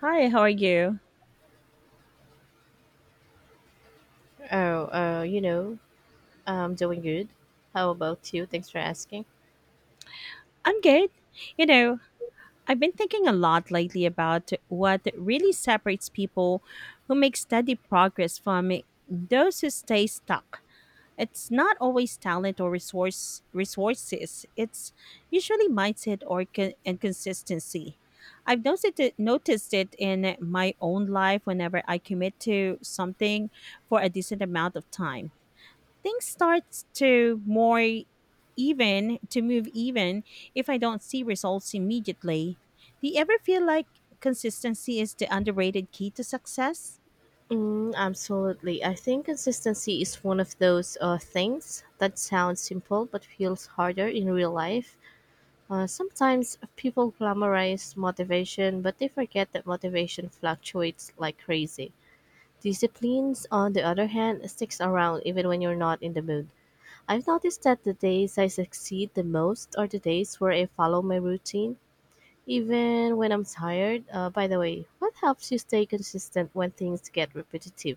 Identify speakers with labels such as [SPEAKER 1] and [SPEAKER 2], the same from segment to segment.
[SPEAKER 1] Hi, how are you?
[SPEAKER 2] Oh, uh, you know, I'm doing good. How about you? Thanks for asking.
[SPEAKER 1] I'm good. You know, I've been thinking a lot lately about what really separates people who make steady progress from those who stay stuck. It's not always talent or resources. It's usually mindset or con- and consistency. I've noticed it in my own life whenever I commit to something for a decent amount of time things starts to more even to move even if I don't see results immediately. Do you ever feel like consistency is the underrated key to success?
[SPEAKER 2] Mm, absolutely. I think consistency is one of those things that sounds simple but feels harder in real life. Sometimes people glamorize motivation, but they forget that motivation fluctuates like crazy. Disciplines, on the other hand, sticks around even when you're not in the mood. I've noticed that the days I succeed the most are the days where I follow my routine even when I'm tired. By the way, what helps you stay consistent when things get repetitive?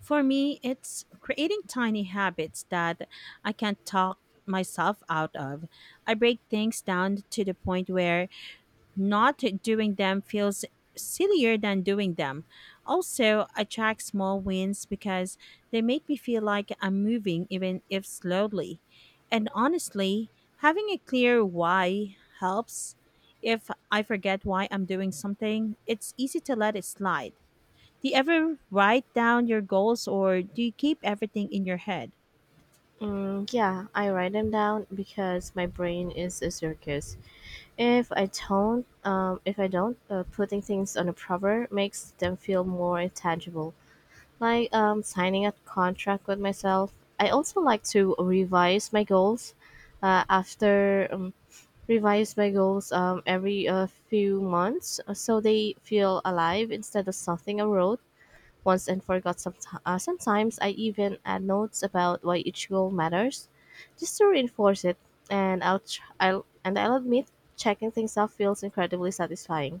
[SPEAKER 1] For me, it's creating tiny habits that I can not talk myself out of. I break things down to the point where not doing them feels sillier than doing them. Also, I track small wins because they make me feel like I'm moving, even if slowly. And honestly, having a clear why helps. If I forget why I'm doing something, it's easy to let it slide. Do you ever write down your goals or do you keep everything in your head?
[SPEAKER 2] Mm, yeah, I write them down because my brain is a circus. If I don't, Putting things on a paper makes them feel more tangible. Like signing a contract with myself. I also like to revise my goals. After Revise my goals every few months so they feel alive instead of something I wrote once and forgot. Sometimes I even add notes about why each goal matters, just to reinforce it. And I'll, tr- I'll and I'll admit, checking things off feels incredibly satisfying.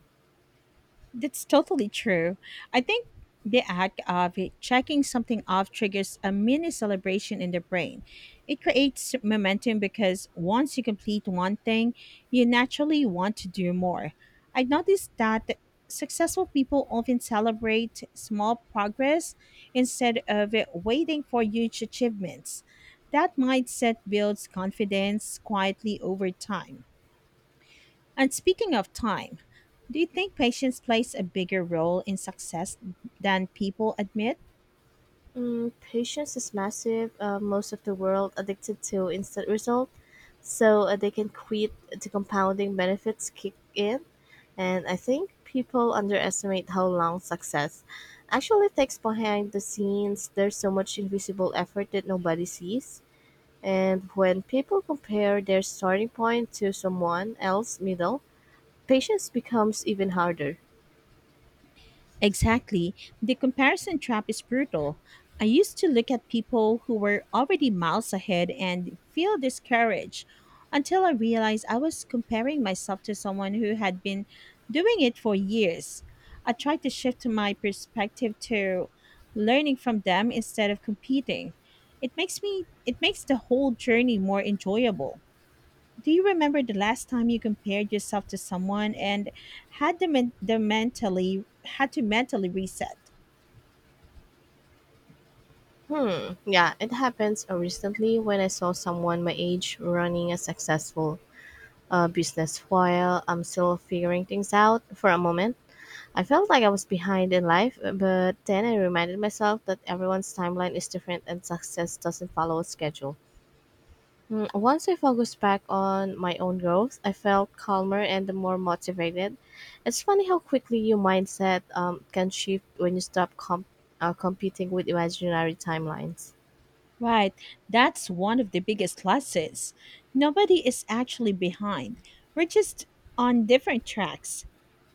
[SPEAKER 1] That's totally true. I think the act of checking something off triggers a mini celebration in the brain. It creates momentum because once you complete one thing, you naturally want to do more. I noticed that successful people often celebrate small progress instead of waiting for huge achievements. That mindset builds confidence quietly over time. And speaking of time, do you think patience plays a bigger role in success than people admit?
[SPEAKER 2] Mm, patience is massive. Most of the world addicted to instant result, so they can quit the compounding benefits kick in. And I think people underestimate how long success actually takes behind the scenes. There's so much invisible effort that nobody sees. And when people compare their starting point to someone else's middle, patience becomes even harder.
[SPEAKER 1] Exactly. The comparison trap is brutal. I used to look at people who were already miles ahead and feel discouraged until I realized I was comparing myself to someone who had been doing it for years. I tried to shift my perspective to learning from them instead of competing. It makes the whole journey more enjoyable. Do you remember the last time you compared yourself to someone and had to mentally reset?
[SPEAKER 2] Hmm, yeah, it happens recently when I saw someone my age running a successful business while I'm still figuring things out for a moment. I felt like I was behind in life, but then I reminded myself that everyone's timeline is different and success doesn't follow a schedule. Mm, once I focused back on my own growth, I felt calmer and more motivated. It's funny how quickly your mindset can shift when you stop competing with imaginary timelines.
[SPEAKER 1] Right, that's one of the biggest losses. Nobody is actually behind. We're just on different tracks.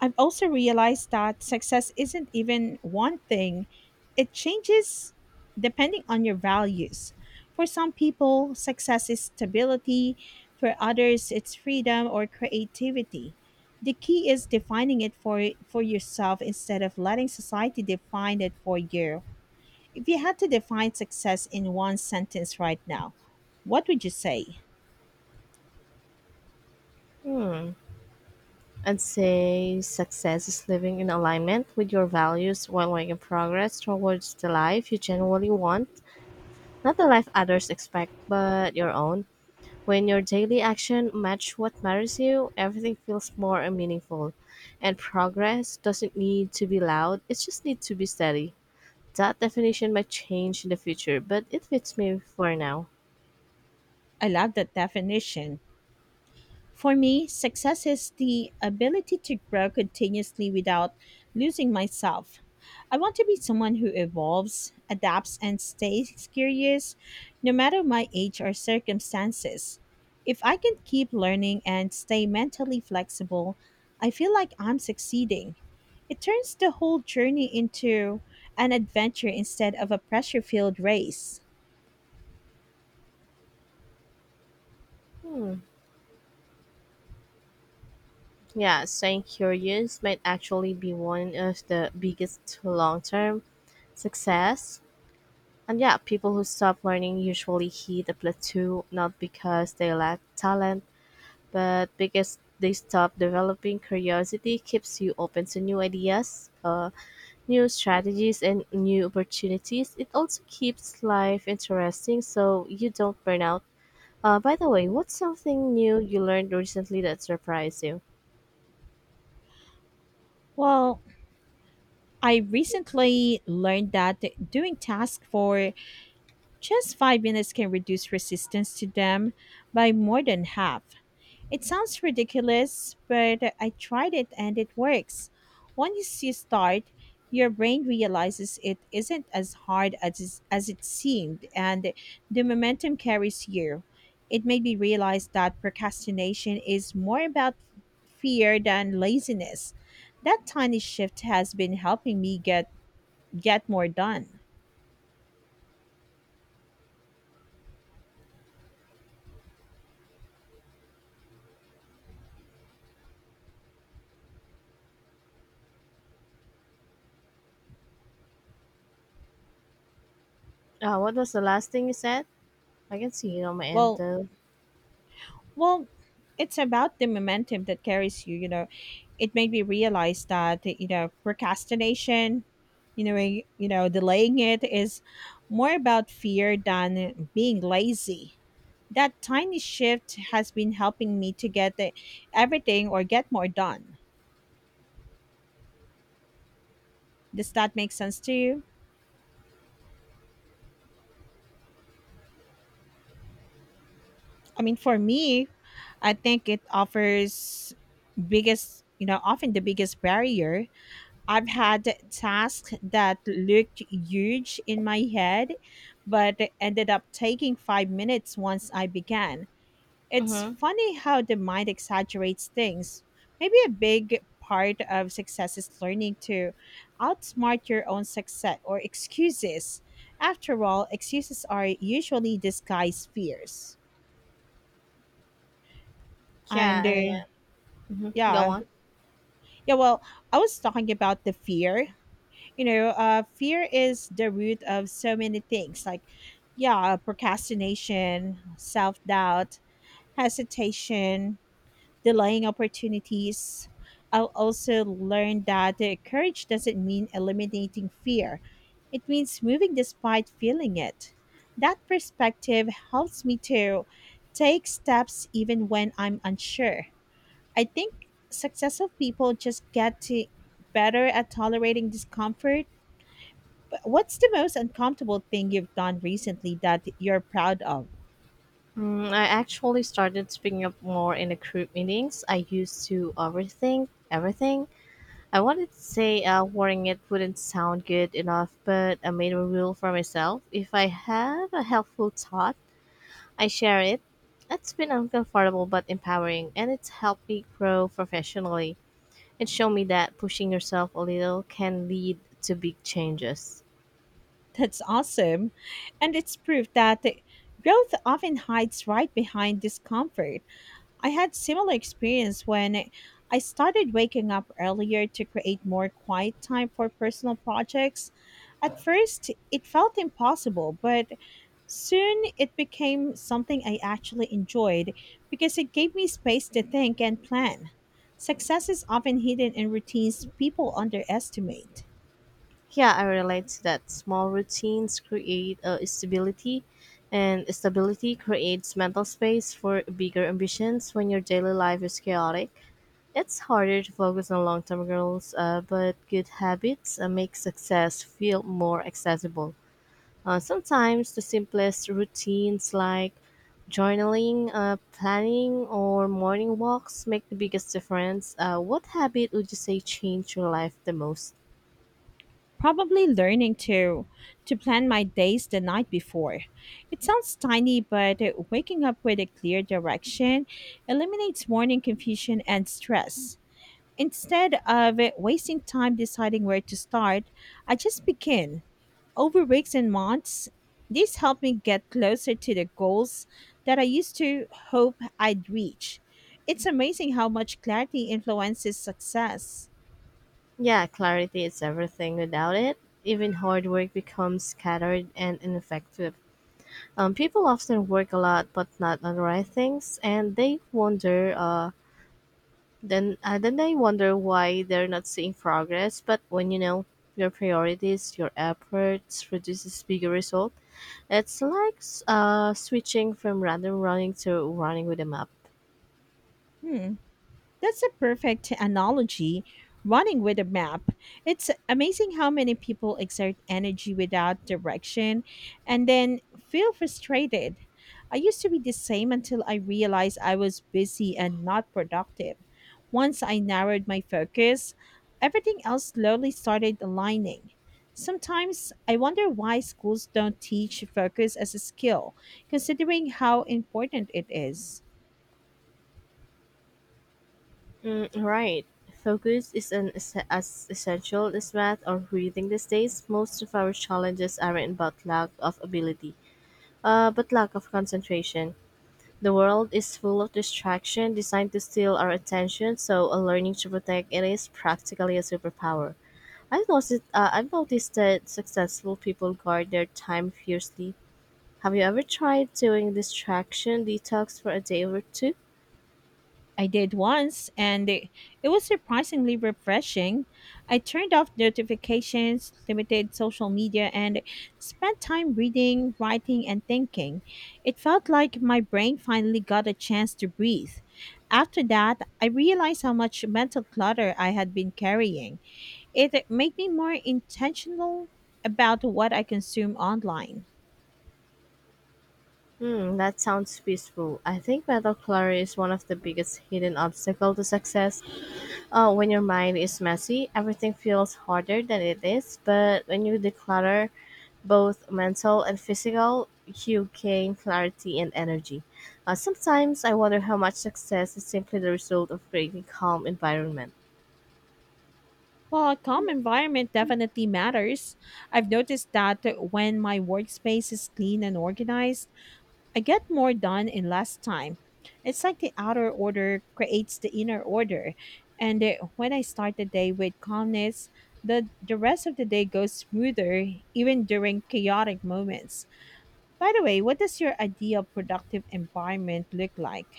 [SPEAKER 1] I've also realized that success isn't even one thing, it changes depending on your values. For some people, success is stability; for others, it's freedom or creativity. The key is defining for yourself instead of letting society define it for you. If you had to define success in one sentence right now, what would you say?
[SPEAKER 2] Hmm. I'd say success is living in alignment with your values while making progress towards the life you genuinely want. Not the life others expect, but your own. When your daily action match what matters you, everything feels more meaningful. And progress doesn't need to be loud, it just needs to be steady. That definition might change in the future, but it fits me for now.
[SPEAKER 1] I love that definition. For me, success is the ability to grow continuously without losing myself. I want to be someone who evolves, adapts, and stays curious no matter my age or circumstances. If I can keep learning and stay mentally flexible, I feel like I'm succeeding. It turns the whole journey into an adventure instead of a pressure filled race.
[SPEAKER 2] Hmm. Yeah, staying curious might actually be one of the biggest long term success. And yeah, people who stop learning usually hit a plateau not because they lack talent, but because they stop developing. Curiosity keeps you open to new ideas, new strategies and new opportunities. It also keeps life interesting so you don't burn out. By the way, what's something new you learned recently that surprised you?
[SPEAKER 1] Well, I recently learned that doing tasks for just 5 minutes can reduce resistance to them by more than half. It sounds ridiculous, but I tried it and it works. Once you start, your brain realizes it isn't as hard as it seemed, and the momentum carries you. It made me realize that procrastination is more about fear than laziness. That tiny shift has been helping me get more done.
[SPEAKER 2] What was the last thing you said? I can see it on my end
[SPEAKER 1] Well,
[SPEAKER 2] though.
[SPEAKER 1] Well, it's about the momentum that carries you. You know, it made me realize that you know procrastination, delaying it is more about fear than being lazy. That tiny shift has been helping me to everything or get more done. Does that make sense to you? I mean, for me, I think it offers often the biggest barrier. I've had tasks that looked huge in my head, but ended up taking 5 minutes once I began. It's
[SPEAKER 2] Mm-hmm.
[SPEAKER 1] funny how the mind exaggerates things. Maybe a big part of success is learning to outsmart your own success or excuses. After all, excuses are usually disguised fears.
[SPEAKER 2] yeah
[SPEAKER 1] And uh,
[SPEAKER 2] uh, mhm, go
[SPEAKER 1] yeah,
[SPEAKER 2] on.
[SPEAKER 1] yeah, well, I was talking about the fear. Fear is the root of so many things like yeah procrastination, self-doubt, hesitation, delaying opportunities. I'll also learn that courage doesn't mean eliminating fear, it means moving despite feeling it. That perspective helps me to take steps even when I'm unsure. I think successful people just get to better at tolerating discomfort. But what's the most uncomfortable thing you've done recently that you're proud of?
[SPEAKER 2] Mm, I actually started speaking up more in the group meetings. I used to overthink everything I wanted to say wearing it wouldn't sound good enough, but I made a rule for myself. If I have a helpful thought, I share it. It's been uncomfortable but empowering, and it's helped me grow professionally. It showed me that pushing yourself a little can lead to big changes.
[SPEAKER 1] That's awesome. And it's proof that growth often hides right behind discomfort. I had similar experience when I started waking up earlier to create more quiet time for personal projects. At first, it felt impossible, but soon it became something I actually enjoyed because it gave me space to think and plan. Success is often hidden in routines people underestimate.
[SPEAKER 2] Yeah, I relate to that. Small routines create stability, and stability creates mental space for bigger ambitions. When your daily life is chaotic, it's harder to focus on long term goals, but good habits make success feel more accessible. Sometimes the simplest routines like journaling, planning, or morning walks make the biggest difference. What habit would you say changed your life the most?
[SPEAKER 1] Probably learning to plan my days the night before. It sounds tiny, but waking up with a clear direction eliminates morning confusion and stress. Instead of wasting time deciding where to start, I just begin. Over weeks and months, this helped me get closer to the goals that I used to hope I'd reach. It's amazing how much clarity influences success.
[SPEAKER 2] Yeah, clarity is everything. Without it, even hard work becomes scattered and ineffective. People often work a lot but not on the right things, and they wonder, then I wonder why they're not seeing progress. But when you know your priorities, your efforts produces bigger result. It's like switching from random running to running with a map.
[SPEAKER 1] Hmm. That's a perfect analogy. Running with a map. It's amazing how many people exert energy without direction and then feel frustrated. I used to be the same until I realized I was busy and not productive. Once I narrowed my focus, everything else slowly started aligning. Sometimes I wonder why schools don't teach focus as a skill, considering how important it is.
[SPEAKER 2] Mm, right. Focus is an as essential as math or reading these days. Most of our challenges aren't about lack of ability, but lack of concentration. The world is full of distraction designed to steal our attention, so a learning to protect it is practically a superpower. I've noticed that successful people guard their time fiercely. Have you ever tried doing distraction detox for a day or two?
[SPEAKER 1] I did once, and it was surprisingly refreshing. I turned off notifications, limited social media, and spent time reading, writing, and thinking. It felt like my brain finally got a chance to breathe. After that, I realized how much mental clutter I had been carrying. It made me more intentional about what I consume online.
[SPEAKER 2] Hmm, that sounds peaceful. I think mental clutter is one of the biggest hidden obstacle to success. When your mind is messy, everything feels harder than it is, but when you declutter, both mental and physical, you gain clarity and energy. Sometimes I wonder how much success is simply the result of creating calm environment.
[SPEAKER 1] Well, a calm environment definitely matters. I've noticed that when my workspace is clean and organized, I get more done in less time. It's like the outer order creates the inner order. And when I start the day with calmness, the rest of the day goes smoother, even during chaotic moments. By the way, what does your ideal productive environment look like?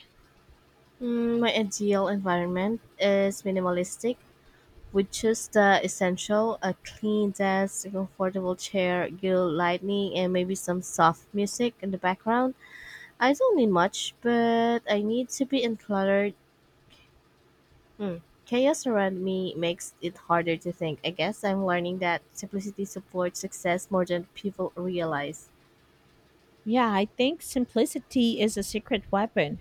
[SPEAKER 2] Mm, my ideal environment is minimalistic, with just the essential: a clean desk, a comfortable chair, good lighting, and maybe some soft music in the background. I don't need much, but I need to be uncluttered. Hmm. Chaos around me makes it harder to think. I guess I'm learning that simplicity supports success more than people realize.
[SPEAKER 1] Yeah, I think simplicity is a secret weapon.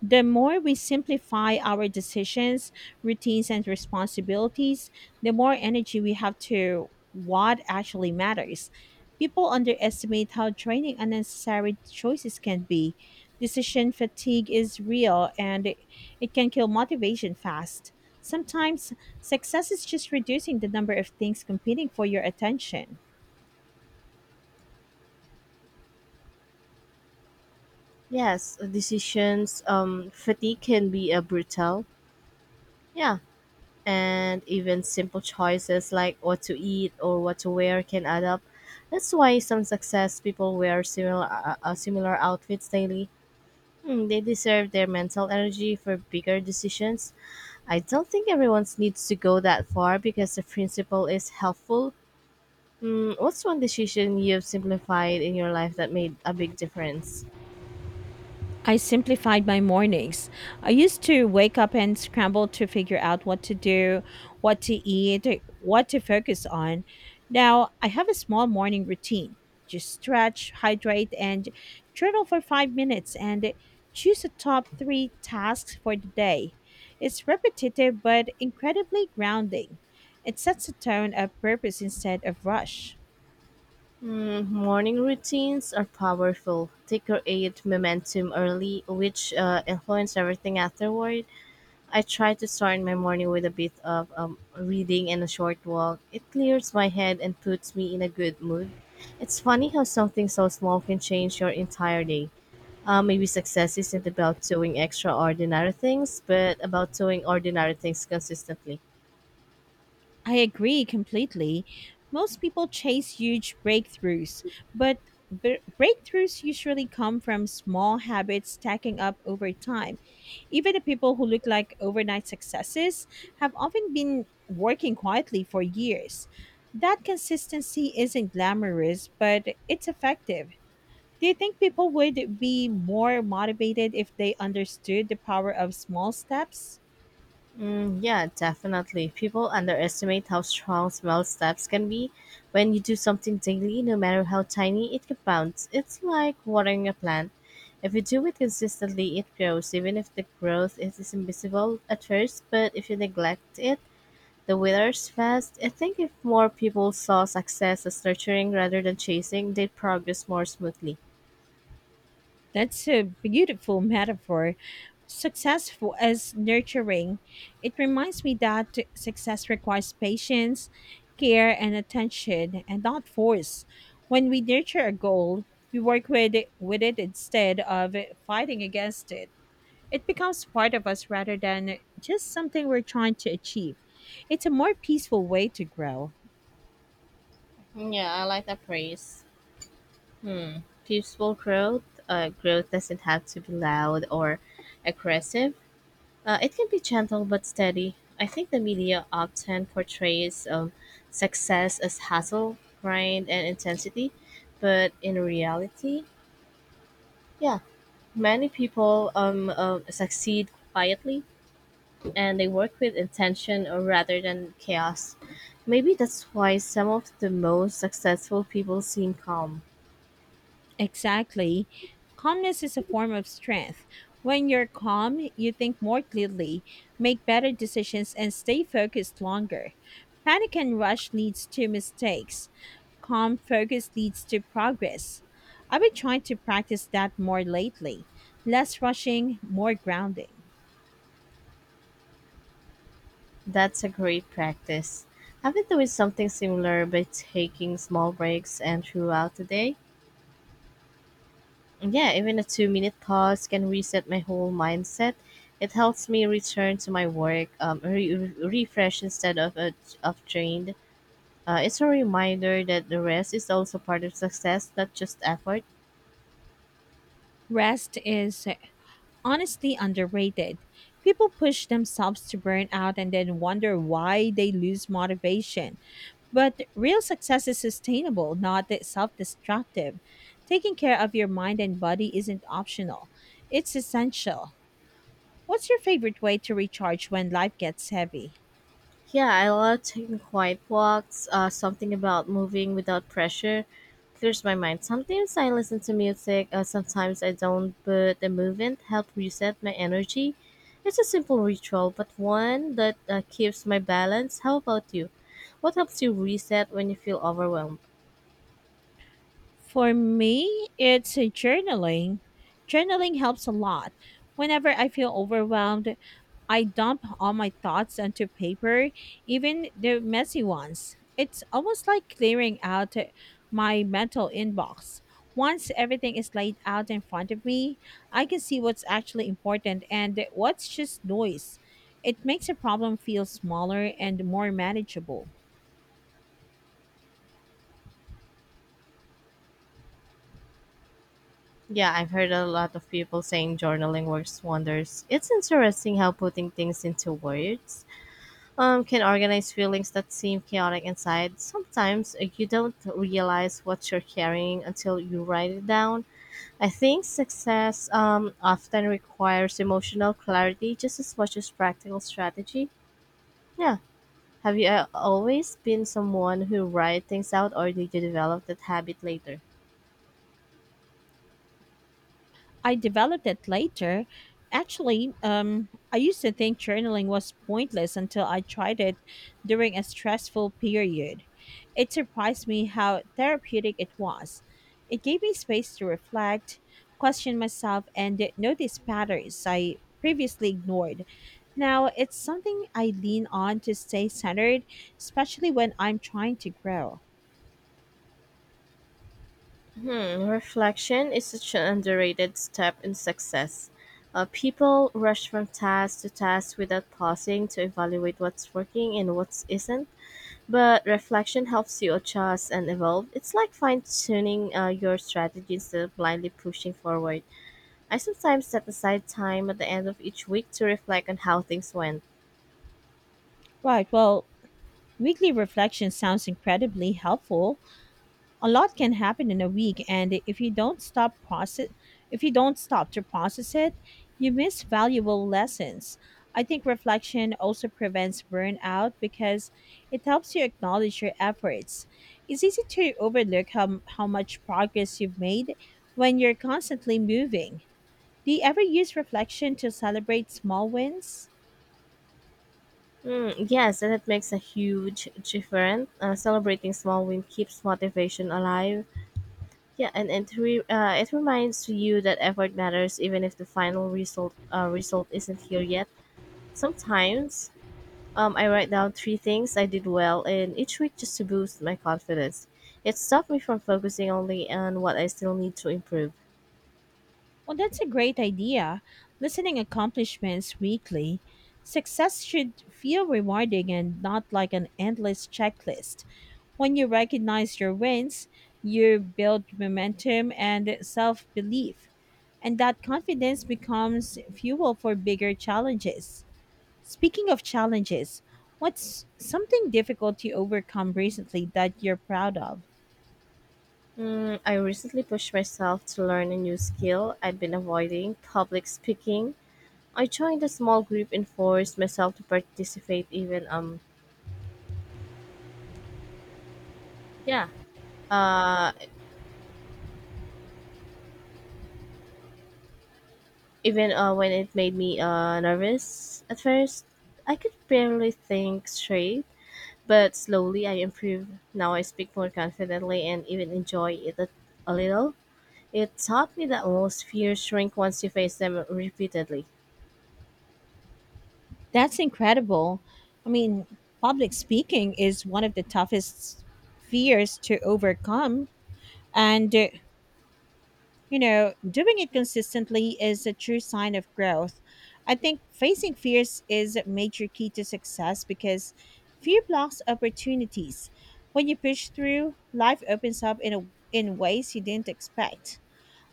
[SPEAKER 1] The more we simplify our decisions, routines, and responsibilities, the more energy we have to what actually matters. People underestimate how draining unnecessary choices can be. Decision fatigue is real and it can kill motivation fast. Sometimes success is just reducing the number of things competing for your attention.
[SPEAKER 2] Yes, decisions fatigue can be a brutal. Yeah, and even simple choices like what to eat or what to wear can add up. That's why some success people wear similar similar outfits daily. Hmm, they deserve their mental energy for bigger decisions. I don't think everyone needs to go that far because the principle is helpful. Hmm, what's one decision you've simplified in your life that made a big difference?
[SPEAKER 1] I simplified my mornings. I used to wake up and scramble to figure out what to do, what to eat, what to focus on. Now I have a small morning routine. Just stretch, hydrate, and journal for 5 minutes and choose a top three tasks for the day. It's repetitive but incredibly grounding. It sets a tone of purpose instead of rush.
[SPEAKER 2] Hmm, morning routines are powerful. They create momentum early, which influence everything afterward. I try to start my morning with a bit of reading and a short walk. It clears my head and puts me in a good mood. It's funny how something so small can change your entire day. Maybe success isn't about doing extraordinary things, but about doing ordinary things consistently.
[SPEAKER 1] I agree completely. Most people chase huge breakthroughs, but breakthroughs usually come from small habits stacking up over time. Even the people who look like overnight successes have often been working quietly for years. That consistency isn't glamorous, but it's effective. Do you think people would be more motivated if they understood the power of small steps?
[SPEAKER 2] Mm, yeah, definitely. People underestimate how strong small steps can be. When you do something daily, no matter how tiny, it compounds. It's like watering a plant. If you do it consistently, it grows, even if the growth is invisible at first. But if you neglect it, the withers fast. I think if more people saw success as nurturing rather than chasing, they'd progress more smoothly.
[SPEAKER 1] That's a beautiful metaphor. Successful as nurturing. It reminds me that success requires patience, care, and attention, and not force. When we nurture a goal, we with it instead of fighting against it. It becomes part of us rather than just something we're trying to achieve. It's a more peaceful way to grow.
[SPEAKER 2] Yeah, I like that praise. Hmm. Peaceful growth. Growth doesn't have to be loud or aggressive. It can be gentle but steady. I think the media often portrays success as hustle, grind, and intensity, but in reality, yeah, many people succeed quietly and they work with intention or rather than chaos. Maybe that's why some of the most successful people seem calm.
[SPEAKER 1] Exactly. Calmness is a form of strength. When you're calm, you think more clearly, make better decisions, and stay focused longer. Panic and rush leads to mistakes. Calm focus leads to progress. I've been trying to practice that more lately. Less rushing, more grounding.
[SPEAKER 2] That's a great practice. I've been doing something similar by taking small breaks and throughout the day. Yeah, even a 2 minute pause can reset my whole mindset. It helps me return to my work, refresh instead of drained. It's a reminder that the rest is also part of success, not just effort.
[SPEAKER 1] Rest is honestly underrated. People push themselves to burn out and then wonder why they lose motivation. But real success is sustainable, not self destructive. Taking care of your mind and body isn't optional, it's essential. What's your favorite way to recharge when life gets heavy?
[SPEAKER 2] Yeah, I love taking quiet walks. Something about moving without pressure clears my mind. Sometimes I listen to music, sometimes I don't, but the movement helps reset my energy. It's a simple ritual, but one that keeps my balance. How about you? What helps you reset when you feel overwhelmed?
[SPEAKER 1] For me, it's a journaling. Journaling helps a lot. Whenever I feel overwhelmed, I dump all my thoughts onto paper, even the messy ones. It's almost like clearing out my mental inbox. Once everything is laid out in front of me, I can see what's actually important and what's just noise. It makes a problem feel smaller and more manageable.
[SPEAKER 2] Yeah, I've heard a lot of people saying journaling works wonders. It's interesting how putting things into words can organize feelings that seem chaotic inside. Sometimes you don't realize what you're carrying until you write it down. I think success often requires emotional clarity just as much as practical strategy. Yeah. Have you always been someone who write things out, or did you develop that habit later?
[SPEAKER 1] I developed it later. Actually, I used to think journaling was pointless until I tried it during a stressful period. It surprised me how therapeutic it was. It gave me space to reflect, question myself, and notice patterns I previously ignored. Now, it's something I lean on to stay centered, especially when I'm trying to grow.
[SPEAKER 2] Hmm, reflection is such an underrated step in success. People rush from task to task without pausing to evaluate what's working and what isn't. But reflection helps you adjust and evolve. It's like fine tuning your strategy instead of blindly pushing forward. I sometimes set aside time at the end of each week to reflect on how things went.
[SPEAKER 1] Right, well, weekly reflection sounds incredibly helpful. A lot can happen in a week, and if you don't stop to process it, you miss valuable lessons. I think reflection also prevents burnout because it helps you acknowledge your efforts. It's easy to overlook how much progress you've made when you're constantly moving. Do you ever use reflection to celebrate small wins?
[SPEAKER 2] Mm, yes, and it makes a huge difference. Celebrating small win keeps motivation alive. Yeah, and it reminds you that effort matters even if the final result isn't here yet. Sometimes um, I write down three things I did well in each week just to boost my confidence. It stopped me from focusing only on what I still need to improve.
[SPEAKER 1] Well, that's a great idea. Listening accomplishments weekly. Success should feel rewarding and not like an endless checklist. When you recognize your wins, you build momentum and self belief. And that confidence becomes fuel for bigger challenges. Speaking of challenges, what's something difficult you overcome recently that you're proud of?
[SPEAKER 2] Mm, I recently pushed myself to learn a new skill I'd been avoiding public speaking. I joined a small group and forced myself to participate yeah uh even when it made me nervous at first. I could barely think straight. But slowly I improved. Now I speak more confidently and even enjoy it a little. It taught me that most fears shrink once you face them repeatedly.
[SPEAKER 1] That's incredible. I mean, public speaking is one of the toughest fears to overcome. And you know, doing it consistently is a true sign of growth. I think facing fears is a major key to success because fear blocks opportunities. When you push through, life opens up in ways you didn't expect.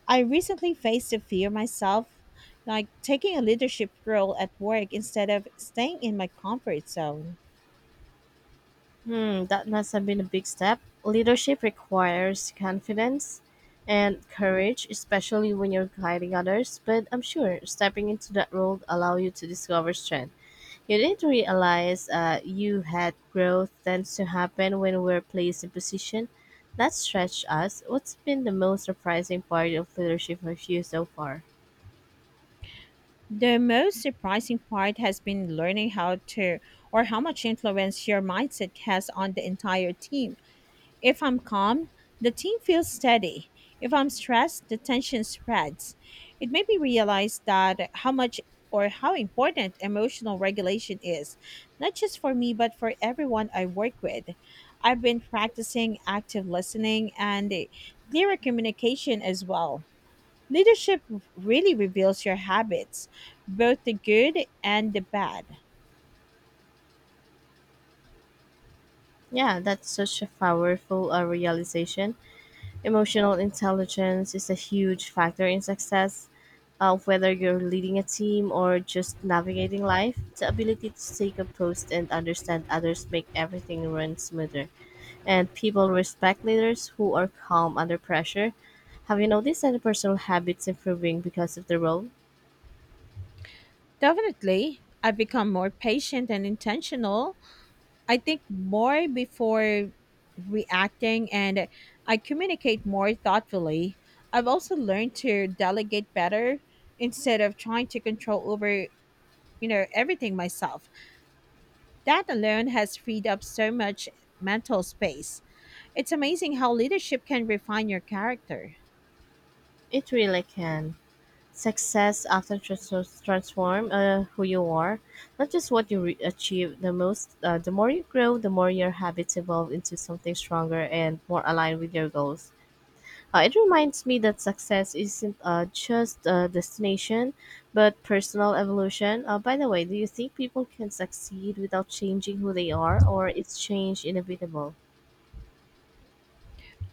[SPEAKER 1] I recently faced a fear myself, like taking a leadership role at work instead of staying in my comfort zone.
[SPEAKER 2] Hmm, that must have been a big step. Leadership requires confidence and courage, especially when you're guiding others, but I'm sure stepping into that role allow you to discover strength. You didn't realize you had growth tends to happen when we're placed in position that stretch us. What's been the most surprising part of leadership for you so far?
[SPEAKER 1] The most surprising part has been learning how to or how much influence your mindset has on the entire team. If I'm calm, the team feels steady. If I'm stressed, the tension spreads. It made me realize that how much or how important emotional regulation is, not just for me, but for everyone I work with. I've been practicing active listening and clearer communication as well. Leadership really reveals your habits, both the good and the bad.
[SPEAKER 2] Yeah, that's such a powerful realization. Emotional intelligence is a huge factor in success, whether you're leading a team or just navigating life. The ability to stay composed and understand others make everything run smoother. And people respect leaders who are calm under pressure. Have you noticed any personal habits improving because of the role?
[SPEAKER 1] Definitely, I've become more patient and intentional. I think more before reacting, and I communicate more thoughtfully. I've also learned to delegate better instead of trying to control over, you know, everything myself. That alone has freed up so much mental space. It's amazing how leadership can refine your character.
[SPEAKER 2] It really can. Success often transform who you are, not just what you achieve. The more you grow, the more your habits evolve into something stronger and more aligned with your goals. It reminds me that success isn't just a destination, but personal evolution. By the way, do you think people can succeed without changing who they are, or is change inevitable?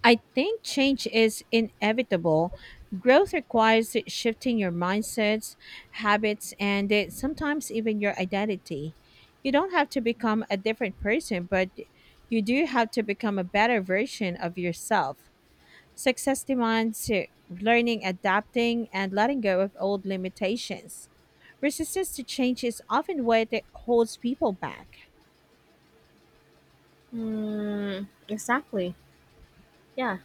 [SPEAKER 1] I think change is inevitable. Growth requires shifting your mindsets, habits, and sometimes even your identity. You don't have to become a different person, but you do have to become a better version of yourself. Success demands learning, adapting, and letting go of old limitations. Resistance to change is often what holds people back.
[SPEAKER 2] Mm, exactly. Yeah.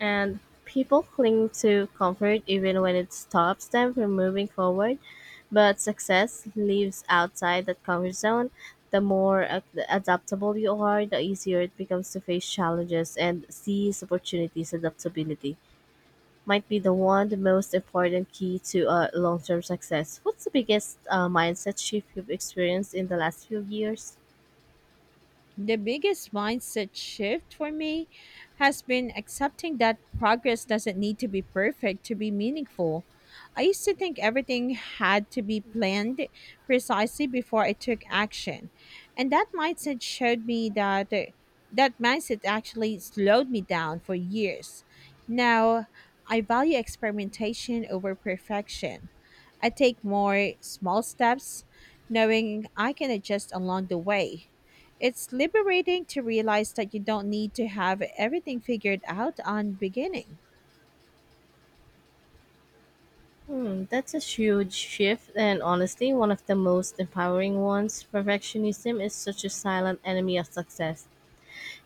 [SPEAKER 2] And people cling to comfort even when it stops them from moving forward, but success lives outside that comfort zone. The more adaptable you are, the easier it becomes to face challenges and seize opportunities adaptability. Might be the most important key to long-term success. What's the biggest mindset shift you've experienced in the last few years?
[SPEAKER 1] The biggest mindset shift for me has been accepting that progress doesn't need to be perfect to be meaningful. I used to think everything had to be planned precisely before I took action. And that mindset showed me that That mindset actually slowed me down for years. Now, I value experimentation over perfection. I take more small steps, knowing I can adjust along the way. It's liberating to realize that you don't need to have everything figured out on beginning.
[SPEAKER 2] Hmm, that's a huge shift, and honestly, one of the most empowering ones. Perfectionism is such a silent enemy of success.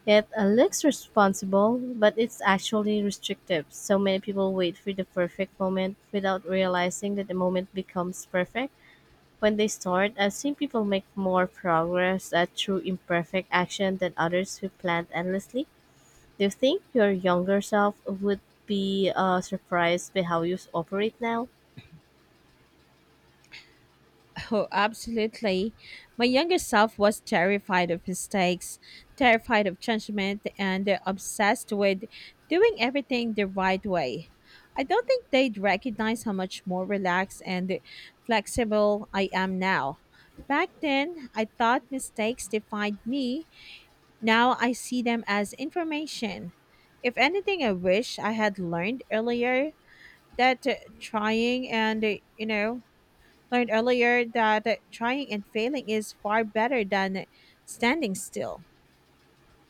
[SPEAKER 2] It looks responsible, but it's actually restrictive. So many people wait for the perfect moment without realizing that the moment becomes perfect when they start. I've seen people make more progress through imperfect action than others who plan endlessly. Do you think your younger self would be surprised by how you operate now?
[SPEAKER 1] Oh, absolutely. My younger self was terrified of mistakes, terrified of judgment, and obsessed with doing everything the right way. I don't think they'd recognize how much more relaxed and flexible I am now. Back then, I thought mistakes defined me. Now I see them as information. If anything, I wish I had learned earlier that trying and, you know, learned earlier that trying and failing is far better than standing still.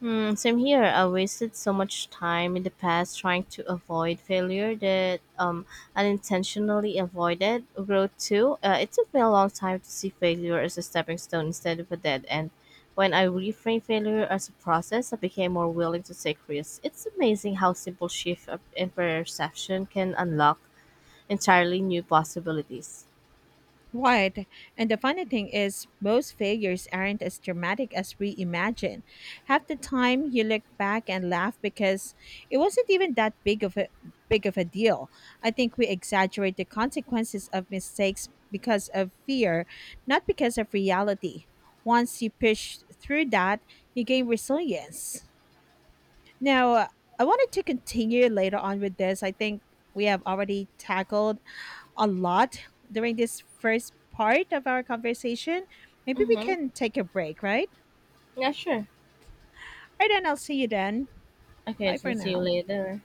[SPEAKER 2] Hmm, same here. I wasted so much time in the past trying to avoid failure that unintentionally avoided growth too. It took me a long time to see failure as a stepping stone instead of a dead end. When I reframed failure as a process, I became more willing to take risks. It's amazing how simple in perception can unlock entirely new possibilities.
[SPEAKER 1] Right. And the funny thing is, most failures aren't as dramatic as we imagine. Half the time you look back and laugh because it wasn't even that big of a deal. I think we exaggerate the consequences of mistakes because of fear, not because of reality. Once you push through that, you gain resilience. Now, I wanted to continue later on with this. I think we have already tackled a lot during this first part of our conversation. Maybe we
[SPEAKER 2] Mm-hmm.
[SPEAKER 1] can take a break, right?
[SPEAKER 2] Yeah, sure.
[SPEAKER 1] All right, then I'll see you then.
[SPEAKER 2] Okay,
[SPEAKER 1] Bye
[SPEAKER 2] so
[SPEAKER 1] for
[SPEAKER 2] see you
[SPEAKER 1] now.
[SPEAKER 2] later.